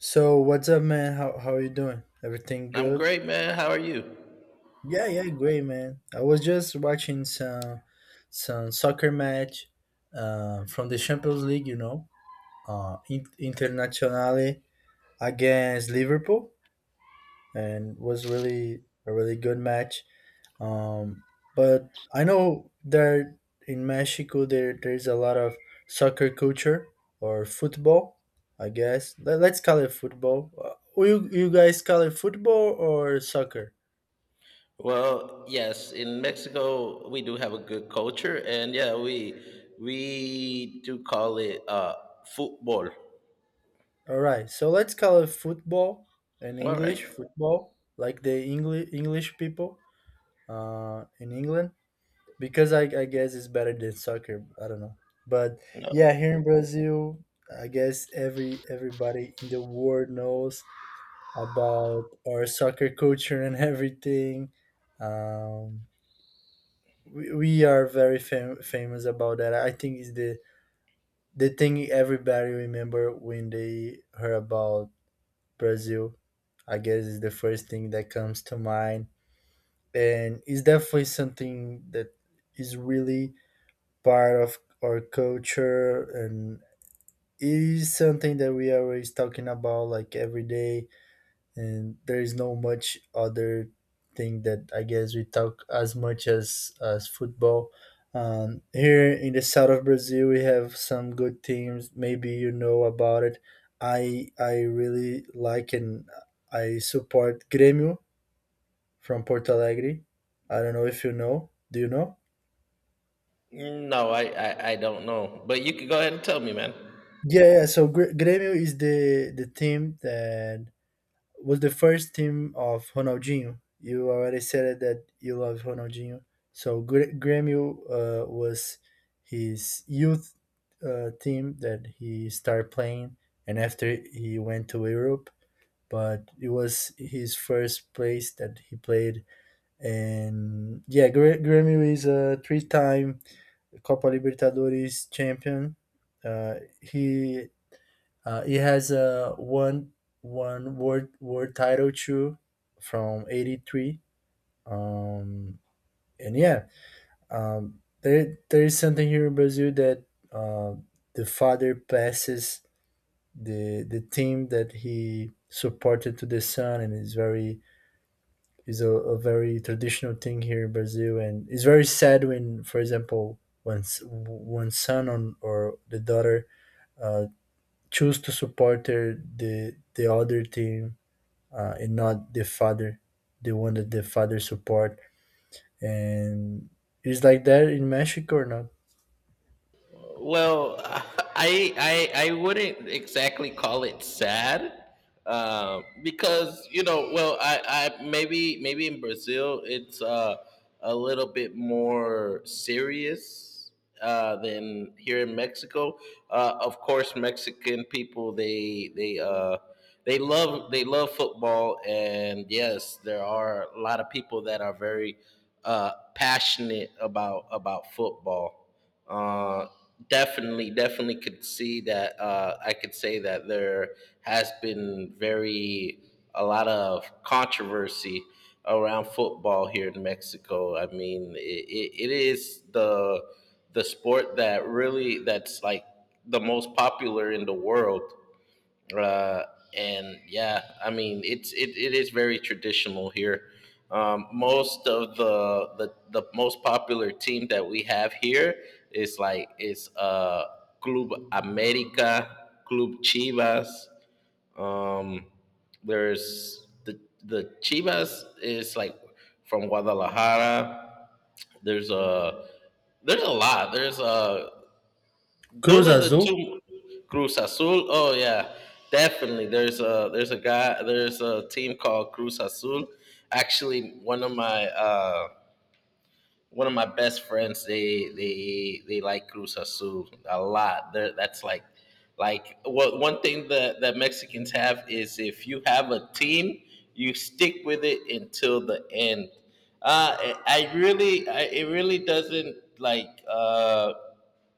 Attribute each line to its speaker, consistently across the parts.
Speaker 1: So what's up, man? How are you doing? Everything
Speaker 2: I'm
Speaker 1: good?
Speaker 2: great, man. How are you?
Speaker 1: Yeah, great, man. I was just watching some soccer match from the Champions League, you know, internationally against Liverpool, and was really a really good match. Um, but I know there in Mexico there's a lot of soccer culture or football. I guess Let's call it football. You guys call it football or soccer?
Speaker 2: Well, yes, in Mexico we do have a good culture, and yeah, we do call it football.
Speaker 1: All right, so let's call it football, in
Speaker 2: All right.
Speaker 1: English football, like the English people in England, because I guess it's better than soccer. I don't know, but
Speaker 2: No,
Speaker 1: yeah, here in Brazil, I guess everybody in the world knows about our soccer culture and everything. Um, we are very famous about that. I think it's the thing everybody remember when they heard about Brazil. I guess is the first thing that comes to mind, and it's definitely something that is really part of our culture, and it is something that we are always talking about like every day, and there is no much other thing that I guess we talk as much as football. Here in the south of Brazil, we have some good teams. Maybe you know about it. I really like and I support Grêmio from Porto Alegre. I don't know if you know. Do you know?
Speaker 2: no, I don't know, but you can go ahead and tell me, man.
Speaker 1: Yeah, yeah. So Grêmio is the team that was the first team of Ronaldinho. You already said that you love Ronaldinho. So Grêmio was his youth team that he started playing, and after he went to Europe. But it was his first place that he played, and yeah, Grêmio is a three-time Copa Libertadores champion. He it has a one word title too from '83. Um, and yeah, there is something here in Brazil that, uh, the father passes the team that he supported to the son, and it's very is a very traditional thing here in Brazil, and it's very sad when, for example, when one son on, or the daughter uh, choose to support their, the other team, and not the father, the one that the father support. And it's like that in Mexico or not?
Speaker 2: Well, I wouldn't exactly call it sad, because you know, well, I maybe in Brazil it's a little bit more serious than here in Mexico. Of course, Mexican people they they love football, and yes, there are a lot of people that are very passionate about football. Uh, Definitely, definitely could see that. I could say that there has been very a lot of controversy around football here in Mexico. I mean, it is the sport that really that's like the most popular in the world uh, and yeah, I mean it is very traditional here. Most of the most popular team that we have here is Club America, Club Chivas. Um, there's the Chivas is like from Guadalajara. There's a there's a lot. There's a
Speaker 1: Cruz
Speaker 2: those are the
Speaker 1: Azul?
Speaker 2: two Cruz Azul. Oh yeah, definitely. There's a guy there's a team called Cruz Azul. Actually, one of my best friends they like Cruz Azul a lot. They're, that's like what one thing that Mexicans have is if you have a team, you stick with it until the end. Uh, I I really, it really doesn't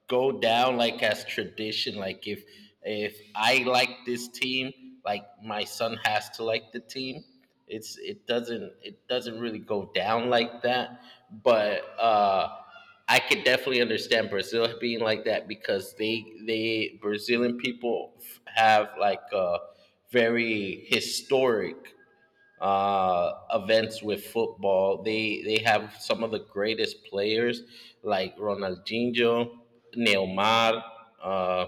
Speaker 2: go down like as tradition. Like if I like this team, like my son has to like the team. It doesn't really go down like that. But I could definitely understand Brazil being like that because they Brazilian people have like a very historic events with football. They have some of the greatest players like Ronaldinho, Neymar, uh,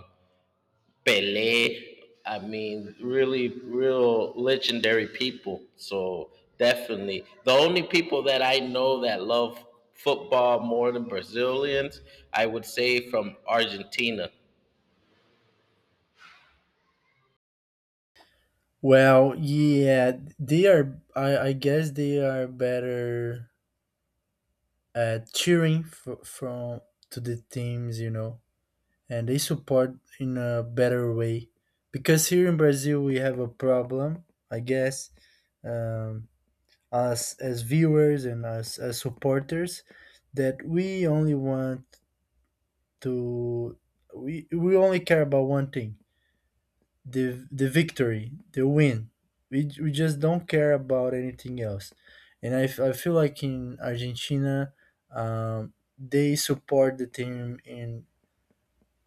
Speaker 2: Pelé. I mean, really, real legendary people. So definitely, the only people that I know that love football more than Brazilians, I would say from Argentina.
Speaker 1: Well, yeah, they are. I guess they are better at cheering from to the teams, you know, and they support in a better way. Because here in Brazil we have a problem, I guess, um, us as viewers and us as supporters, that we only want to we only care about one thing, the victory, the win. We just don't care about anything else, and I feel like in Argentina, um, they support the team in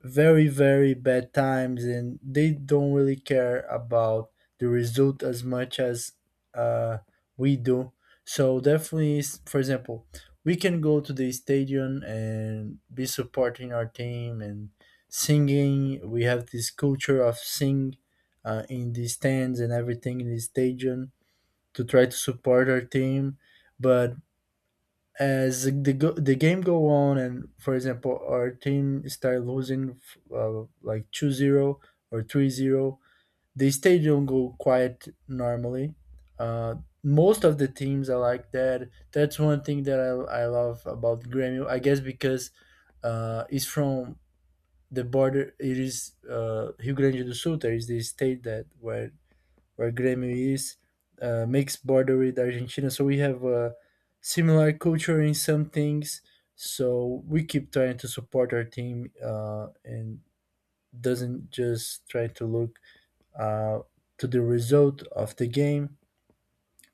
Speaker 1: very bad times and they don't really care about the result as much as uh, we do. So definitely, for example, we can go to the stadium and be supporting our team and singing. We have this culture of sing in the stands and everything in the stadium to try to support our team, but as the the game go on, and for example our team start losing, like 2-0 or 3-0, the stadium go quiet normally. uh, Most of the teams are like that. That's one thing that I love about Grêmio, I guess, because it's from the border. It is Rio Grande do Sul, there is the state that where Grêmio is, makes border with Argentina. So we have a similar culture in some things. So we keep trying to support our team, and doesn't just try to look uh, to the result of the game.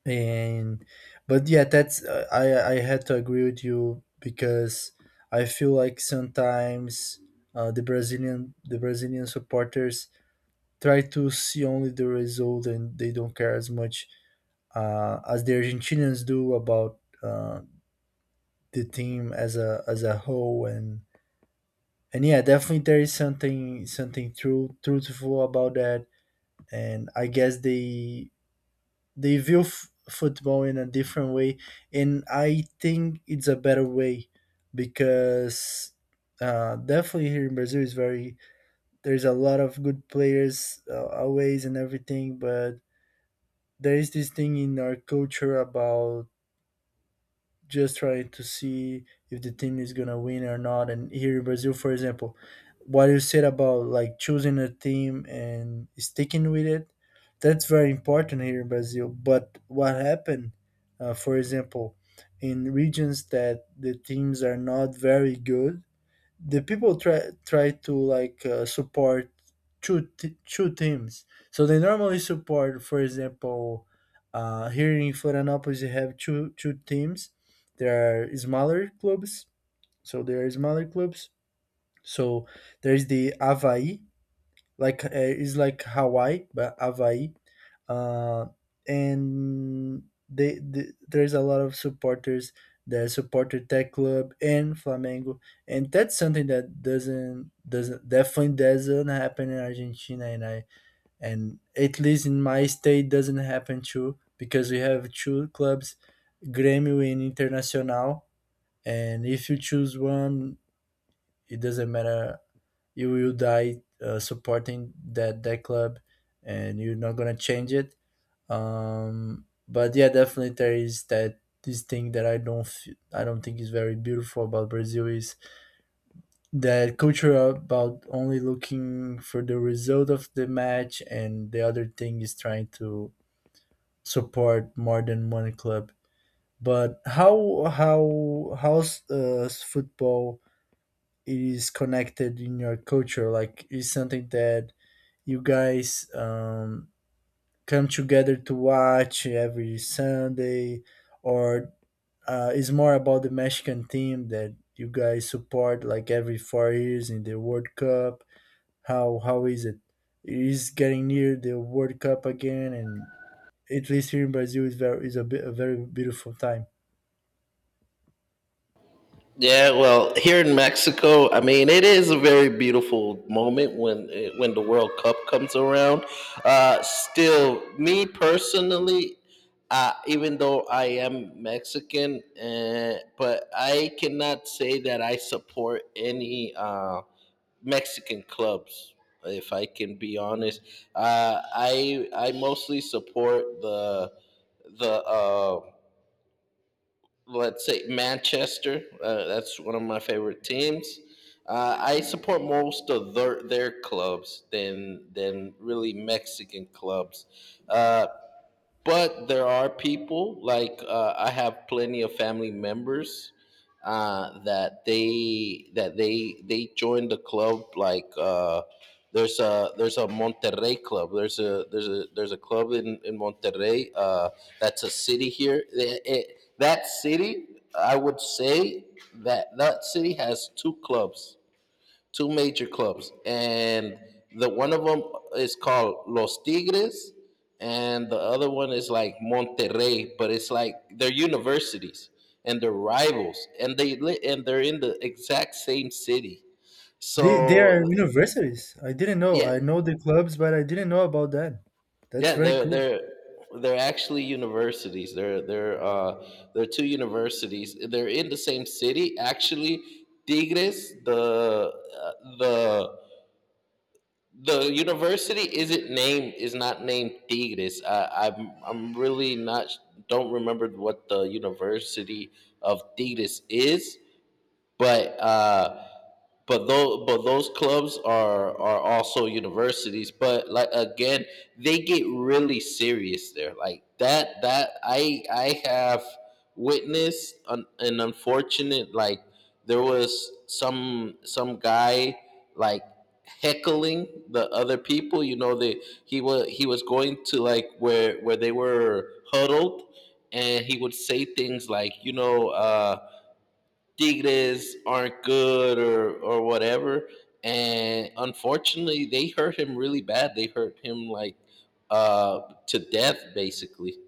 Speaker 1: And but yeah, that's I had to agree with you because I feel like sometimes, the Brazilian supporters try to see only the result and they don't care as much, as the Argentinians do about the team as a whole, and yeah, definitely there is something true truthful about that, and I guess they view football in a different way, and I think it's a better way because, definitely here in Brazil is very, there's a lot of good players, always and everything, but there is this thing in our culture about just trying to see if the team is gonna win or not. And here in Brazil, for example, what you said about like choosing a team and sticking with it, that's very important here in Brazil. But what happened, for example, in regions that the teams are not very good, the people try to like support two teams. So they normally support, for example, here in Florianópolis, you have two teams. There are smaller clubs, so there are smaller clubs. So there's the Avaí, like it's like Hawaii, but Hawaii, uh, and they, the there's a lot of supporters that supporter tech club and Flamengo, and that's something that doesn't definitely doesn't happen in Argentina, and I and at least in my state doesn't happen too, because we have two clubs, Grêmio and Internacional, and if you choose one, it doesn't matter, you will die supporting that club, and you're not gonna change it. But yeah, definitely there is that this thing that I don't I don't think is very beautiful about Brazil is that culture about only looking for the result of the match, and the other thing is trying to support more than one club. But how's football is connected in your culture? Like is something that you guys come together to watch every Sunday, or it's more about the Mexican team that you guys support like every 4 years in the World Cup? How is it? Is getting near the World Cup again, and at least here in Brazil is very, is a, bit, a very beautiful time.
Speaker 2: Yeah, well, here in Mexico, I mean, it is a very beautiful moment when when the World Cup comes around. Still, me personally, even though I am Mexican, but I cannot say that I support any Mexican clubs. If I can be honest, I mostly support the the. Let's say Manchester. That's one of my favorite teams. I support most of their clubs than really Mexican clubs. Uh, but there are people like I have plenty of family members that they join the club like there's a Monterrey club, there's a club in Monterrey. That's a city here. That city, I would say that city has two clubs, two major clubs, and the one of them is called Los Tigres, and the other one is like Monterrey, but it's like they're universities and they're rivals, and and they're in the exact same city.
Speaker 1: They are
Speaker 2: So
Speaker 1: universities. I didn't know.
Speaker 2: yeah,
Speaker 1: I know the clubs, but I didn't know about that. That's
Speaker 2: yeah,
Speaker 1: very
Speaker 2: they're
Speaker 1: cool.
Speaker 2: they're they're actually universities. They're two universities. They're in the same city. Actually, Tigres, the the university isn't named is not named Tigres. I'm really not don't remember what the University of Tigres is, but uh, but those clubs are also universities, but like again they get really serious there. Like that that I have witnessed an unfortunate, like there was some guy, like heckling the other people, you know. They He was going to like where they were huddled, and he would say things like, you know, Tigres aren't good or whatever. And unfortunately, they hurt him really bad. They hurt him like, to death, basically.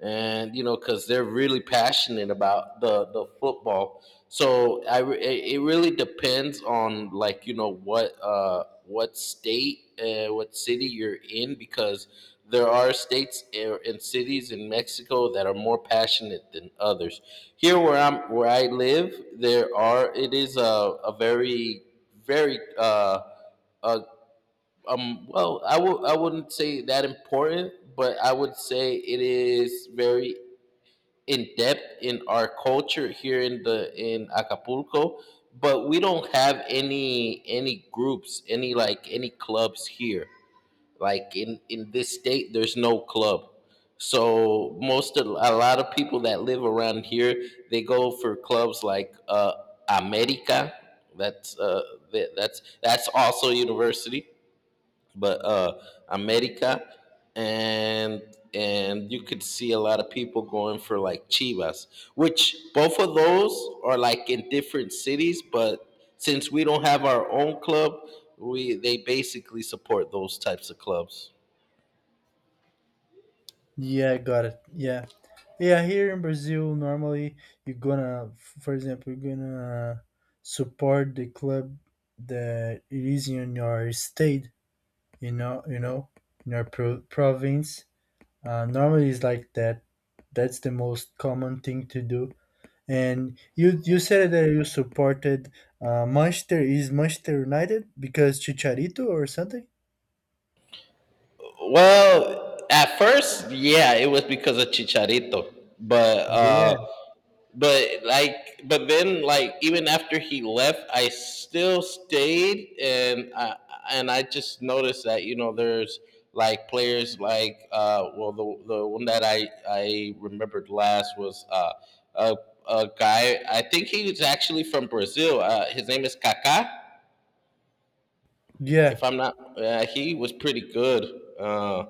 Speaker 2: And you know, because they're really passionate about the football. So it it really depends on like, you know, what state, what city you're in, because there are states and cities in Mexico that are more passionate than others. Here where I live, there are it is a very very uh, well, I would I wouldn't say that important, but I would say it is very in depth in our culture here in the in Acapulco, but we don't have any groups, any like any clubs here. Like in this state, there's no club. So most of a lot of people that live around here, they go for clubs like America. That's that's also a university, but America, and you could see a lot of people going for like Chivas, which both of those are like in different cities, but since we don't have our own club, we they basically support those types of clubs.
Speaker 1: Yeah, got it. Yeah. Yeah, here in Brazil, normally you're gonna, for example, you're gonna support the club that it is in your state, you know, in your province. Normally, it's like that. That's the most common thing to do. And you said that you supported Manchester, is Manchester United because Chicharito or something.
Speaker 2: Well, at first, yeah, it was because of Chicharito, but.
Speaker 1: Yeah,
Speaker 2: Uh, but like, but then, like, even after he left, I still stayed. And I just noticed that, you know, there's like players like, well, the one that I remembered last was a, a guy, I think he was actually from Brazil, his name is Kaká,
Speaker 1: yeah.
Speaker 2: if I'm not, he was pretty good uh,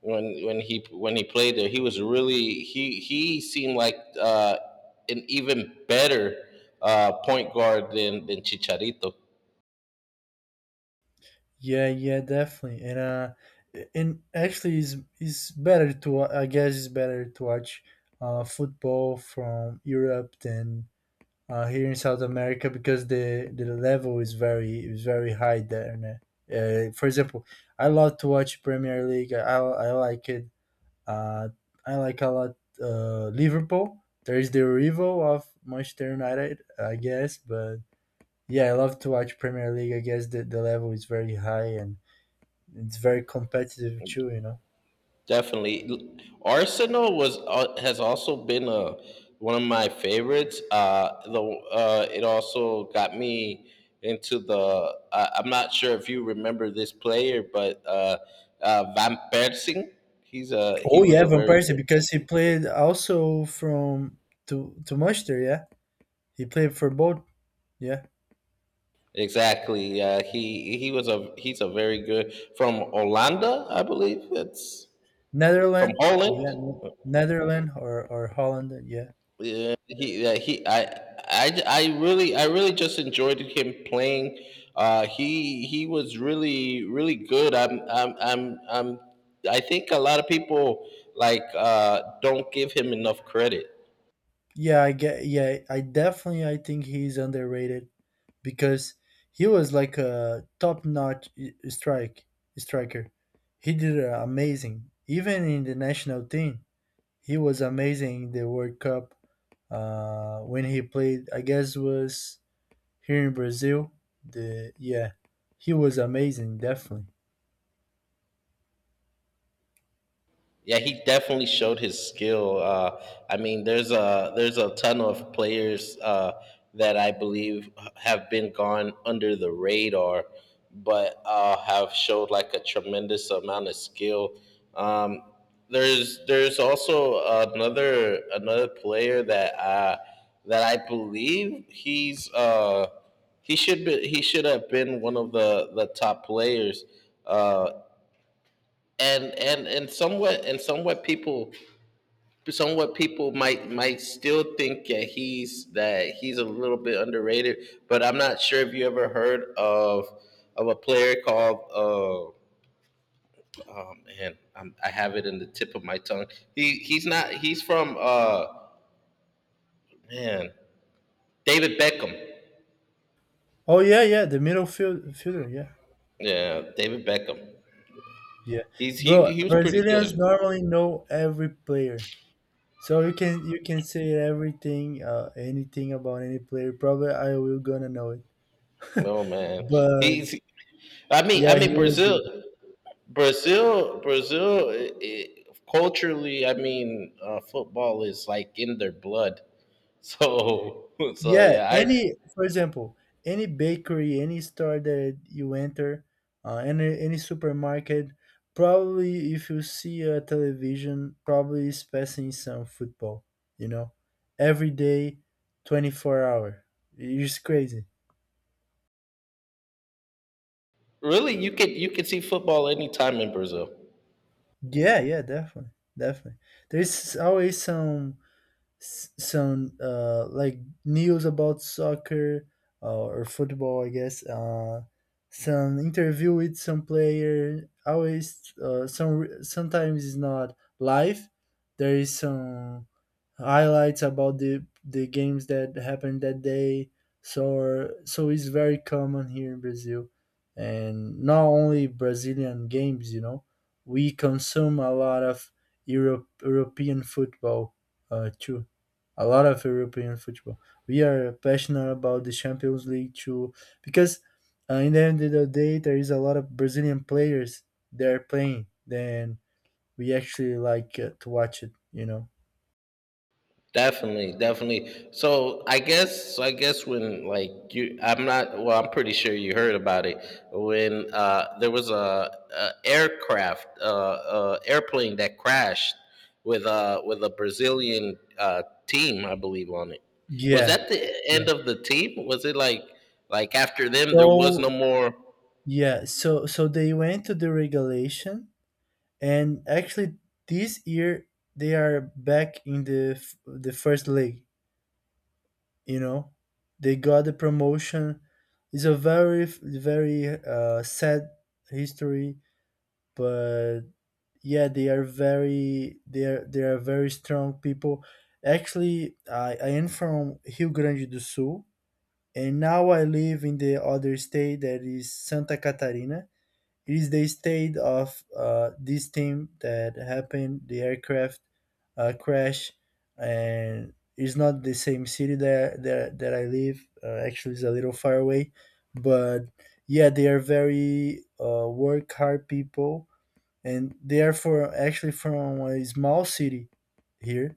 Speaker 2: when he when he played there. He was really, he seemed like, an even better point guard than Chicharito.
Speaker 1: Yeah, yeah, definitely. And actually it's I guess it's better to watch football from Europe than here in South America because the level is very high there. And, for example, I love to watch Premier League. I like it. Uh I like a lot Liverpool. There is the rival of Manchester United, I guess, but yeah, I love to watch Premier League. I guess the level is very high and it's very competitive too, you know.
Speaker 2: Definitely, Arsenal was has also been one of my favorites. The it also got me into the. I I'm not sure if you remember this player, but Van Persing. He
Speaker 1: Oh
Speaker 2: was
Speaker 1: yeah,
Speaker 2: a
Speaker 1: Van
Speaker 2: very
Speaker 1: Persie,
Speaker 2: good.
Speaker 1: because he played also from to Manchester. Yeah. He played for both, yeah.
Speaker 2: Exactly. Yeah, he was a very good, from Orlando, I believe. It's from
Speaker 1: Netherlands, yeah,
Speaker 2: Holland.
Speaker 1: Netherlands or Holland, yeah.
Speaker 2: Yeah, he I. I really just enjoyed him playing. He was really really good. I think a lot of people like, don't give him enough credit.
Speaker 1: Yeah, I get, yeah, I definitely I think he's underrated because he was like a top-notch strike striker. He did amazing even in the national team. He was amazing in the World Cup when he played. I guess was here in Brazil. The yeah, he was amazing, definitely.
Speaker 2: Yeah, he definitely showed his skill. I mean, there's a ton of players that I believe have been gone under the radar, but have showed like a tremendous amount of skill. Um, there's also another player that that I believe he's he should have been one of the top players, uh, and somewhat, and somewhat people might still think that he's a little bit underrated. But I'm not sure if you ever heard of a player called, oh man, I'm, I have it in the tip of my tongue. He he's not He's from, man David Beckham.
Speaker 1: Oh yeah, yeah, the fielder. Yeah,
Speaker 2: Yeah, David Beckham.
Speaker 1: yeah, bro.
Speaker 2: He was pretty
Speaker 1: Brazilians
Speaker 2: good.
Speaker 1: normally know every player, so you can say everything, anything about any player. Probably I will gonna know it,
Speaker 2: No man,
Speaker 1: but
Speaker 2: he's, I mean, I
Speaker 1: yeah, he
Speaker 2: mean
Speaker 1: was good.
Speaker 2: brazil Brazil, Brazil, I culturally, I mean, football is like in their blood. So, so
Speaker 1: Yeah,
Speaker 2: yeah, I
Speaker 1: any, for example, any bakery, any store that you enter, any supermarket, probably if you see a television, probably is passing some football. You know, every day, 24 hours. It's crazy.
Speaker 2: really, you could see football anytime in Brazil.
Speaker 1: Yeah, yeah, definitely, definitely. There's always some like news about soccer or football, I guess. Some interview with some player. Always, sometimes it's not live. There is some highlights about the games that happened that day. So so it's very common here in Brazil, and not only Brazilian games. You know, we consume a lot of European football too, a lot of European football. We are passionate about the Champions League too, because in the end of the day, there is a lot of Brazilian players there playing. Then we actually like to watch it, you know.
Speaker 2: Definitely, definitely. So I guess when like you, I'm not. Well, I'm pretty sure you heard about it when there was a aircraft, airplane that crashed with a Brazilian team, I believe, on it. Was
Speaker 1: Yeah,
Speaker 2: that the
Speaker 1: yeah.
Speaker 2: end of the team? Was it like after them there was no
Speaker 1: So
Speaker 2: more?
Speaker 1: yeah, so so they went to the regulation, and actually this year they are back in the the first league. you know they got the promotion. It's a very very sad history, but yeah, they are very they are very strong people. Actually, I am from Rio Grande do Sul, and now I live in the other state, that is Santa Catarina. Is the state of this team that happened the aircraft crash. And it's not the same city that I live. Actually, it's a little far away. But yeah, they are very work hard people, and they are for actually from a small city here.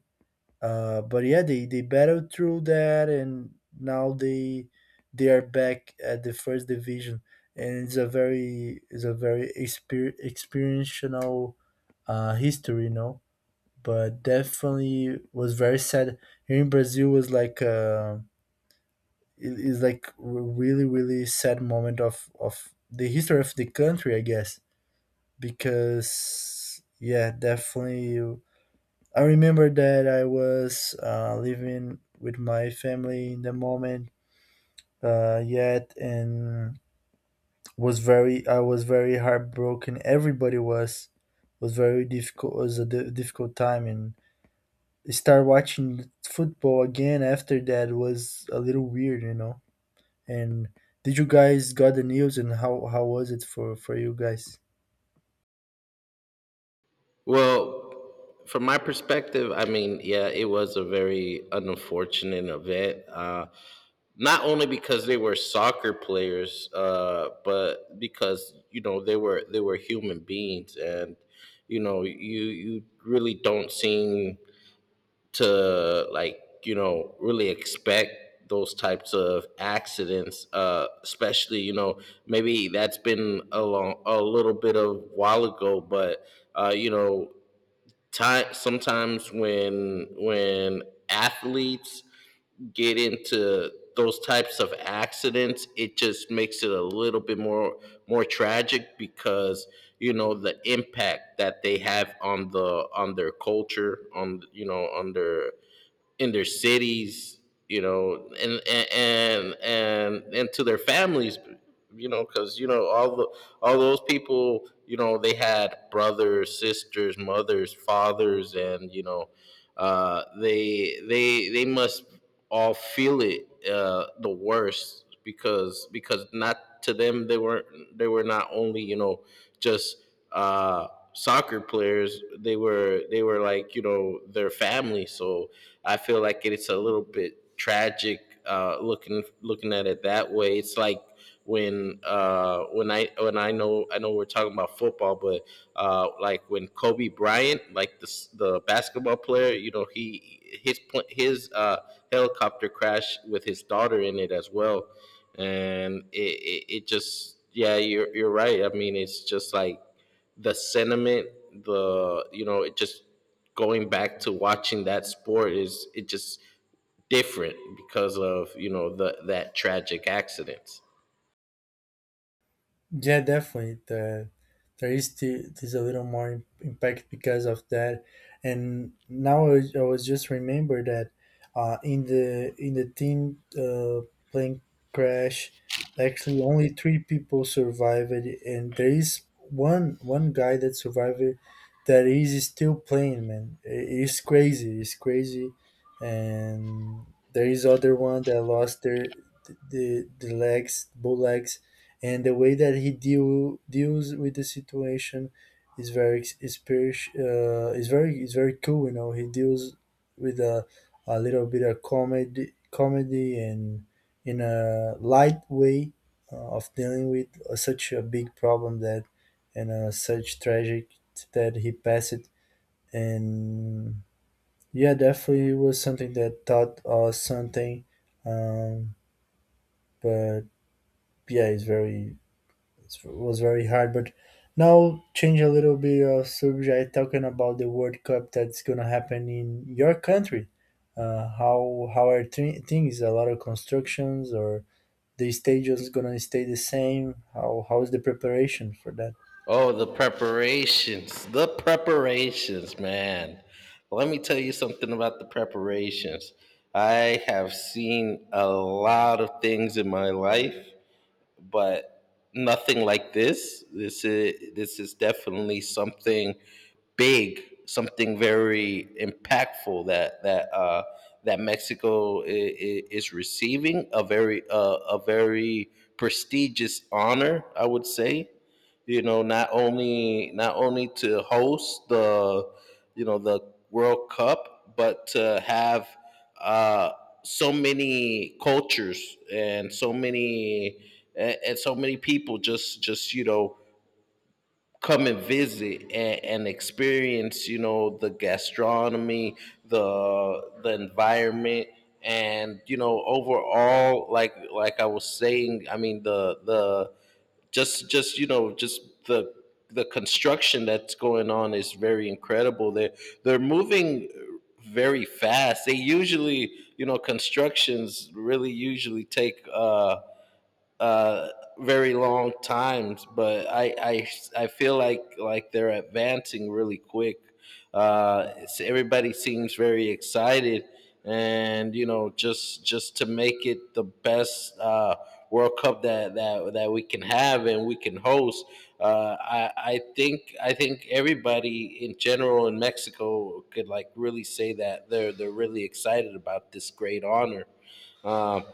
Speaker 1: But yeah, they battled through that, and now they are back at the first division. And it's a very experiential history. But definitely was very sad. Here in Brazil was like it is like a really really sad moment of the history of the country, I guess, because yeah, definitely I remember that I was living with my family in the moment yet. And was very I was very heartbroken. Everybody was very difficult, was a difficult time. And start watching football again after that was a little weird. And did you guys got the news, and how was it for you guys?
Speaker 2: Well, from my perspective, I mean, yeah, it was a very unfortunate event. Not only because they were soccer players, but because you know they were human beings, and you know you really don't seem to, like, you know, really expect those types of accidents, especially, you know, maybe that's been a long, a little bit of while ago, but you know, time sometimes when athletes get into those types of accidents, it just makes it a little bit more tragic, because you know the impact that they have on their culture, on you know, on their cities, you know, and to their families, you know, because you know all the all those people, you know, they had brothers, sisters, mothers, fathers, and you know, they must all feel it, the worst, because not to them, they weren't, they were not only, you know, just uh, soccer players, they were, they were like, you know, their family. So I feel like it's a little bit tragic, looking at it that way. It's like when I know I know we're talking about football, but like when Kobe Bryant, like the basketball player, you know, his helicopter crash with his daughter in it as well, and it just yeah, you're right. I mean, it's just like the sentiment, it just going back to watching that sport is it just different because of the that tragic accidents.
Speaker 1: Yeah, definitely. The, there is still there's a little more impact because of that. And now I was, just remember that in the team plane crash. Actually, only three people survived, and there is one guy that survived that is still playing. Man, it is crazy. It's crazy, and there is other one that lost the legs, both legs, and the way that he deals with the situation is very ex- is very is very cool. He deals with a little bit of comedy, and in a light way of dealing with such a big problem that, and such tragic, that he passed it. And yeah, definitely, it was something that taught us something. Um, but yeah, it was very hard. But now change a little bit of subject, talking about the World Cup that's gonna happen in your country. How are things? A lot of constructions, or the stadiums gonna stay the same? How is the preparation for that?
Speaker 2: Oh, the preparations, man. Let me tell you something about the preparations. I have seen a lot of things in my life, but nothing like this. This is definitely something big, something very impactful that that Mexico is receiving a very a very prestigious honor, I would say. Not only to host the the World Cup, but to have uh so many cultures and so many and so many people just just come and visit and experience, you know, the gastronomy, the environment. And you know, overall, like I was saying, I mean, the just you know just the construction that's going on is very incredible. They they're moving very fast. They usually, you know, constructions really usually take uh, very long times, but I feel like they're advancing really quick. It's- everybody seems very excited, and you know, just to make it the best World Cup that we can have and we can host. I think everybody in general in Mexico could like really say that they're really excited about this great honor. Um,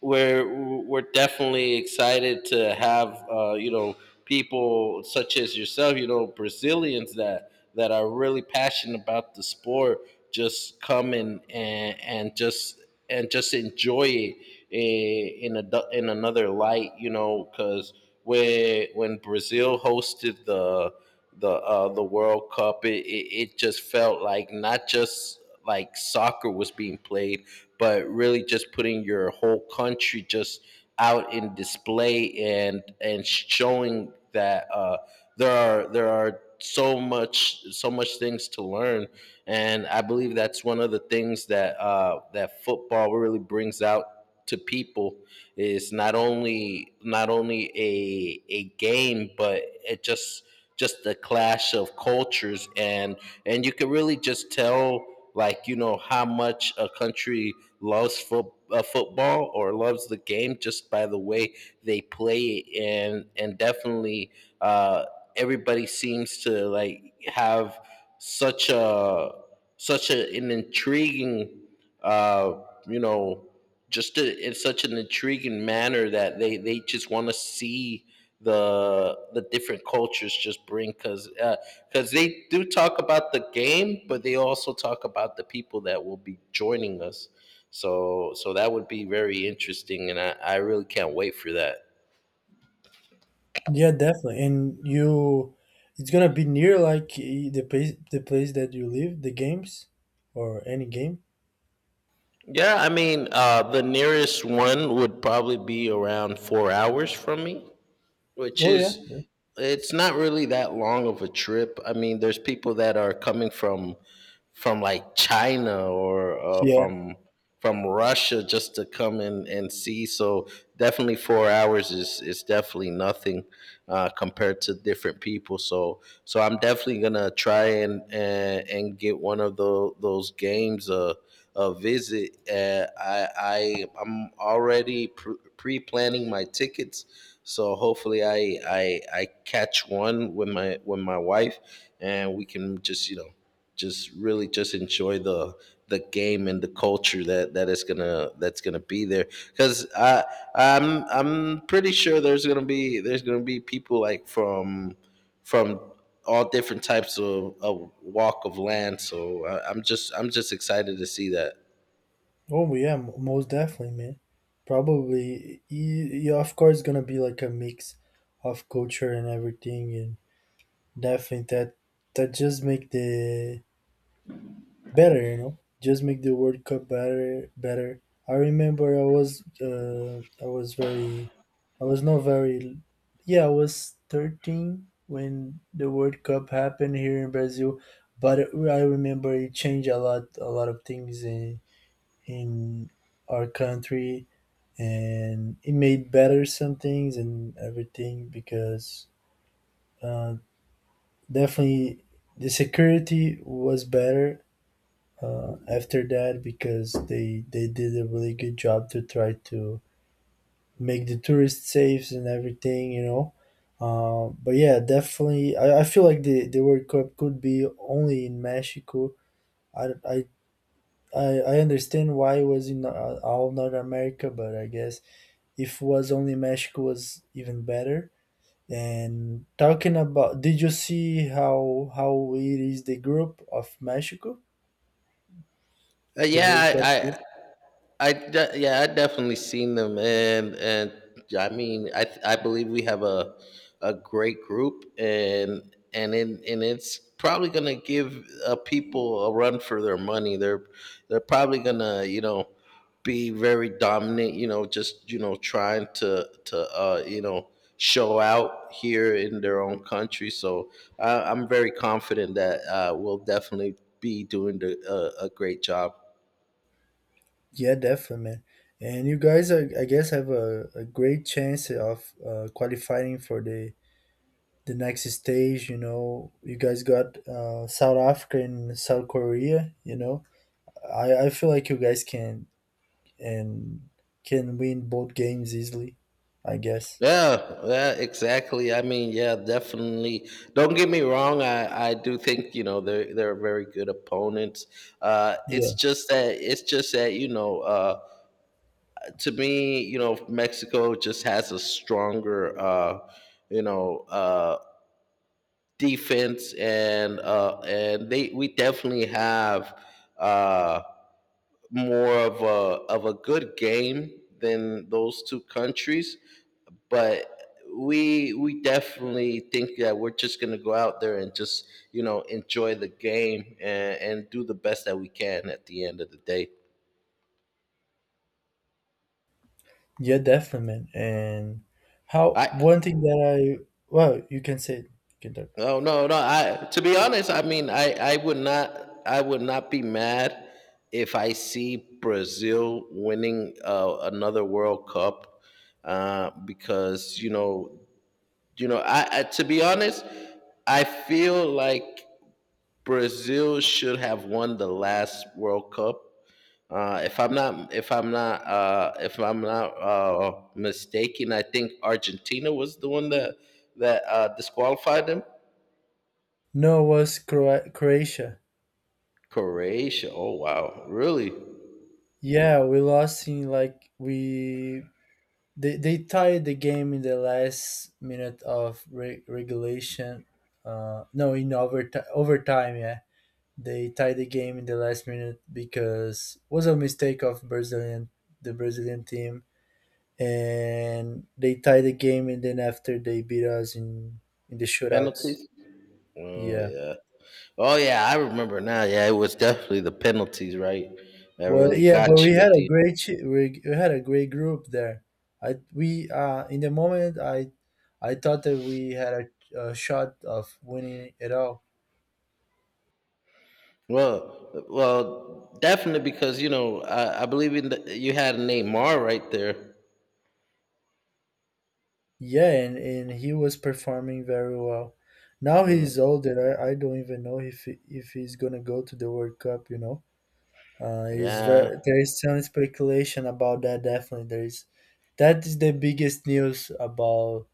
Speaker 2: we're definitely excited to have you know, people such as yourself, you know, Brazilians that are really passionate about the sport, just come in and just enjoy it in a du- in another light, you know, because when Brazil hosted the the World Cup, it, it just felt like not just like soccer was being played, but really just putting your whole country just out in display and showing that there are so much things to learn. And I believe that's one of the things that football really brings out to people, is not only a game, but it just the clash of cultures. And you can really just tell, like, you know, how much a country loves foot, football, or loves the game just by the way they play it. And definitely uh, everybody seems to like have such a an intriguing, uh, you know just in such an intriguing manner that they just want to see the different cultures just bring, because they do talk about the game, but they also talk about the people that will be joining us. So that would be very interesting, and I really can't wait for that.
Speaker 1: Yeah, definitely. And you, it's gonna be near, like, the place that you live, the games, or any game.
Speaker 2: Yeah, I mean, the nearest one would probably be around 4 hours from me, which
Speaker 1: Oh yeah.
Speaker 2: is it's not really that long of a trip. I mean, there's people that are coming from like China, or from Russia, just to come in and see. So definitely 4 hours is definitely nothing compared to different people. So I'm definitely gonna try and get one of those games a visit. I'm already pre-planning my tickets, so hopefully I catch one with my wife, and we can just, you know, just really just enjoy the game and the culture that is gonna that's gonna be there, because I'm pretty sure there's gonna be people like from from all different types of walk of land. So I'm just excited to see that.
Speaker 1: Oh yeah, most definitely, man. Probably, yeah, of course, gonna be like a mix of culture and everything, and definitely that just make the better, just make the World Cup better, better. I remember I was, I was not very, yeah, I was 13 when the World Cup happened here in Brazil, but I remember it changed a lot of things in our country, and it made better some things and everything, because uh, definitely the security was better after that, because they did a really good job to try to make the tourists safe and everything. But yeah, definitely, I feel like the World Cup could be only in Mexico. I i i, I understand why it was in all North America, but I guess if it was only Mexico was even better. And talking about, did you see how it is the group of Mexico, the World Cup group?
Speaker 2: Yeah, yeah, I definitely seen them, and yeah, I mean, I believe we have a great group, and and it's probably gonna give people a run for their money. They're probably gonna, you know, be very dominant. You know, just, you know, trying to you know, show out here in their own country. So I'm very confident that we'll definitely be doing a great job.
Speaker 1: Yeah, definitely, man. And you guys, are, I guess, have a great chance of qualifying for the next stage. You know, you guys got South Africa and South Korea. You know, I feel like you guys can and can win both games easily, I guess.
Speaker 2: Yeah, yeah, exactly. I mean, yeah, definitely. Don't get me wrong. I do think, you know, they're very good opponents. It's just that you know, to me, you know, Mexico just has a stronger, you know uh, defense. And they we definitely have, uh, more of a good game than those two countries. But we definitely think that we're just going to go out there and just, you know, enjoy the game, and do the best that we can at the end of the day.
Speaker 1: Yeah, definitely, man. And how,
Speaker 2: I
Speaker 1: one thing that I, well, you can say it. You can talk.
Speaker 2: No, I, to be honest, I mean, I would not be mad if I see Brazil winning another World Cup, because you know, I, to be honest, I feel like Brazil should have won the last World Cup. If I'm not mistaken, I think Argentina was the one that disqualified them.
Speaker 1: No, it was Croatia.
Speaker 2: Croatia. Oh wow, really?
Speaker 1: Yeah, we lost in, like, we, they tied the game in the last minute of regulation. No, in overtime. Overtime, yeah, they tied the game in the last minute, because was a mistake of Brazilian the Brazilian team, and they tied the game, and then after they beat us in the shootouts.
Speaker 2: Penalties? Oh
Speaker 1: Yeah.
Speaker 2: yeah. Oh yeah, I remember now. Yeah, it was definitely the penalties, right? That
Speaker 1: Well,
Speaker 2: really
Speaker 1: yeah,
Speaker 2: got
Speaker 1: but we
Speaker 2: you
Speaker 1: had
Speaker 2: at the
Speaker 1: a great group there. I we in the moment, I thought that we had a shot of winning it all.
Speaker 2: well. Well, definitely, because you know I believe in you had Neymar right there.
Speaker 1: Yeah, and he was performing very well. Now he's
Speaker 2: Mm.
Speaker 1: older. I don't even know if he's gonna go to the World Cup. You know, is
Speaker 2: Yeah.
Speaker 1: very there is some speculation about that. Definitely, there is. That is the biggest news about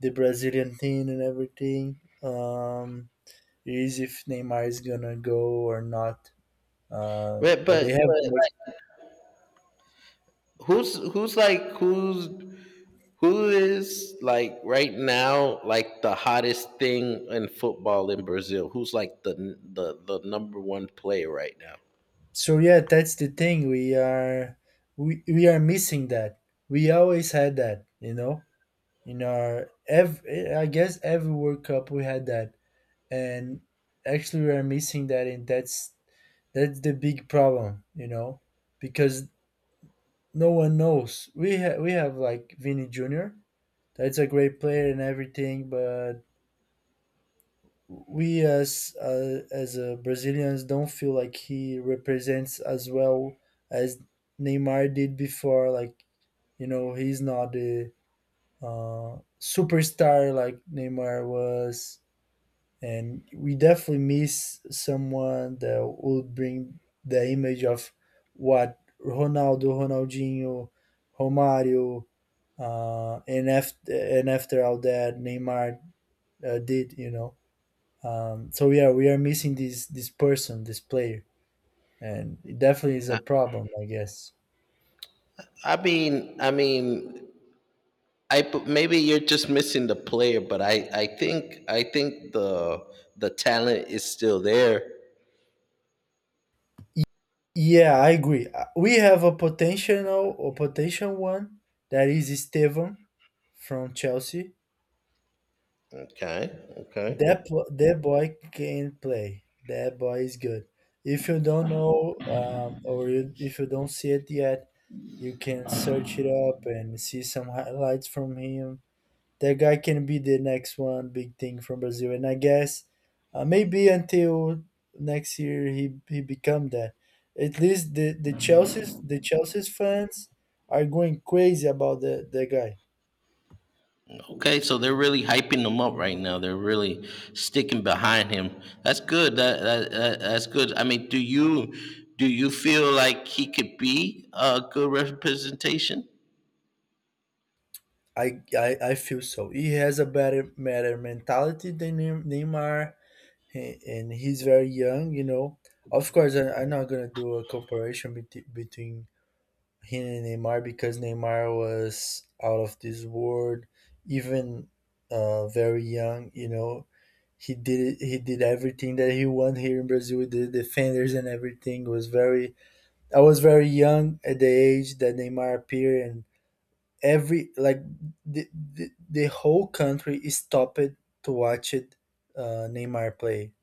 Speaker 1: the Brazilian team and everything. Is if Neymar is gonna go or not. Um, but they have
Speaker 2: But
Speaker 1: like,
Speaker 2: like, who's who is like right now, like, the hottest thing in football in Brazil? Who's like the number one player right now?
Speaker 1: so yeah, that's the thing. We are missing that. We always had that. In our ev I guess every World Cup we had that, and actually we are missing that, and that's the big problem, because no one knows. We have, like, Vinny Junior. That's a great player and everything, but we as Brazilians don't feel like he represents as well as Neymar did before. Like, he's not the superstar like Neymar was, and we definitely miss someone that would bring the image of what Ronaldo, Ronaldinho, Romario, and after all that Neymar did. So yeah, we are missing this person, this player, and it definitely is a problem, I guess.
Speaker 2: I mean, maybe you're just missing the player, but I think the talent is still there.
Speaker 1: Y- Yeah, I agree. We have a potential, or potential one, that is Estevan from Chelsea.
Speaker 2: Okay, okay.
Speaker 1: That boy can play. That boy is good. If you don't know, or if you don't see it yet, you can search it up and see some highlights from him. That guy can be the next one big thing from Brazil. And I guess maybe until next year he become that. At least the Chelsea's fans are going crazy about the guy.
Speaker 2: Okay, so they're really hyping him up right now. They're really sticking behind him. That's good. That's good. I mean, do you feel like he could be a good representation?
Speaker 1: I feel so. He has a better mentality than Neymar, and he's very young. Of course, I'm not gonna do a comparison between him and Neymar, because Neymar was out of this world, even very young. He did everything that he won here in Brazil with the defenders and everything. Was very I was very young at the age that Neymar appeared, and every like the whole country stopped to watch it Neymar play.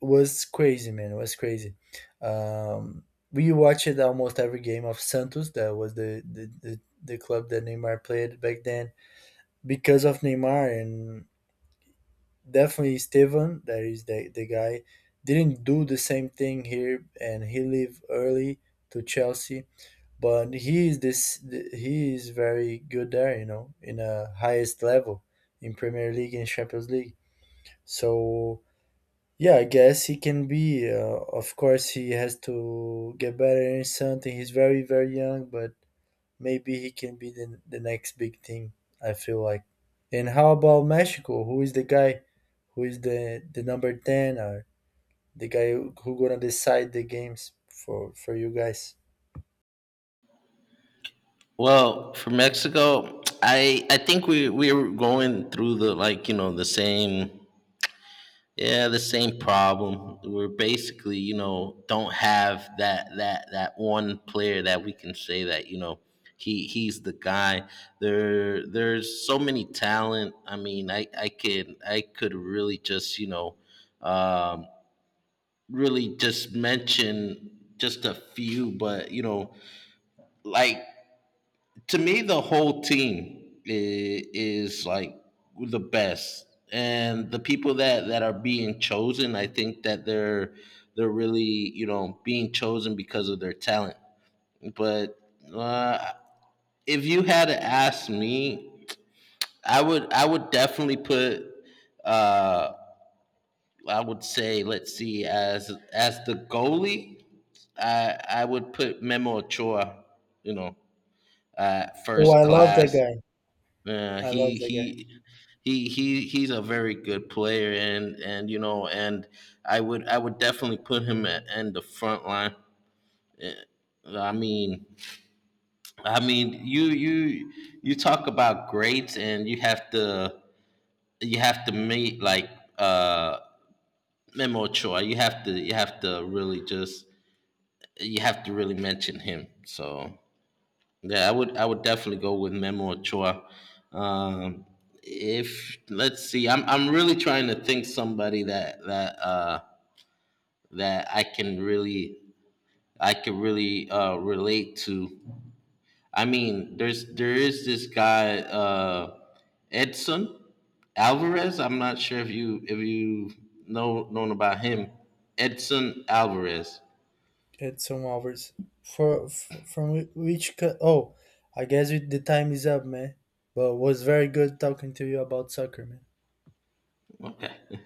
Speaker 1: Was crazy, man. It was crazy. Um, we watched almost every game of Santos. That was the club that Neymar played back then. Because of Neymar. And definitely Esteban, that is the guy, didn't do the same thing here, and he left early to Chelsea. But he is very good there, you know, in a highest level, in Premier League and Champions League. So yeah, I guess he can be. Of course, he has to get better in something. He's very, very young, but maybe he can be the next big thing, I feel like. And how about Mexico? Who is the guy, who is the number 10, or the guy who gonna decide the games for you guys?
Speaker 2: Well, for Mexico, I think we're going through the, like, you know, the same, yeah, the same problem. We're basically, you know, don't have that one player that we can say that, you know, he's the guy. There's so many talent. I mean, I could really just, you know, um, really just mention just a few, but you know, like, to me, the whole team is like the best. And the people that are being chosen, I think that they're really, you know, being chosen because of their talent. But uh, if you had to ask me, I would definitely put, uh I would say, let's see, as the goalie, I would put Memo Ochoa, you know,
Speaker 1: Oh,
Speaker 2: first
Speaker 1: I love that
Speaker 2: class.
Speaker 1: guy.
Speaker 2: Uh,
Speaker 1: I love
Speaker 2: he
Speaker 1: that
Speaker 2: he he's a very good player, and you know, and I would definitely put him at in the front line. I mean, I mean, you talk about grades, and you have to, you have to make like, uh Memo Choi, you have to, you have to really just, you have to really mention him. So yeah, I would definitely go with Memo Ochoa. Um, if let's see, I'm really trying to think somebody that that I can really, I could really, relate to. I mean, there is this guy, Edson Alvarez. I'm not sure if you know, known about him. Edson Alvarez.
Speaker 1: guy. Edson Alvarez. For, from which oh, I guess the time is up, man. But it was very good talking to you about soccer, man.
Speaker 2: Okay.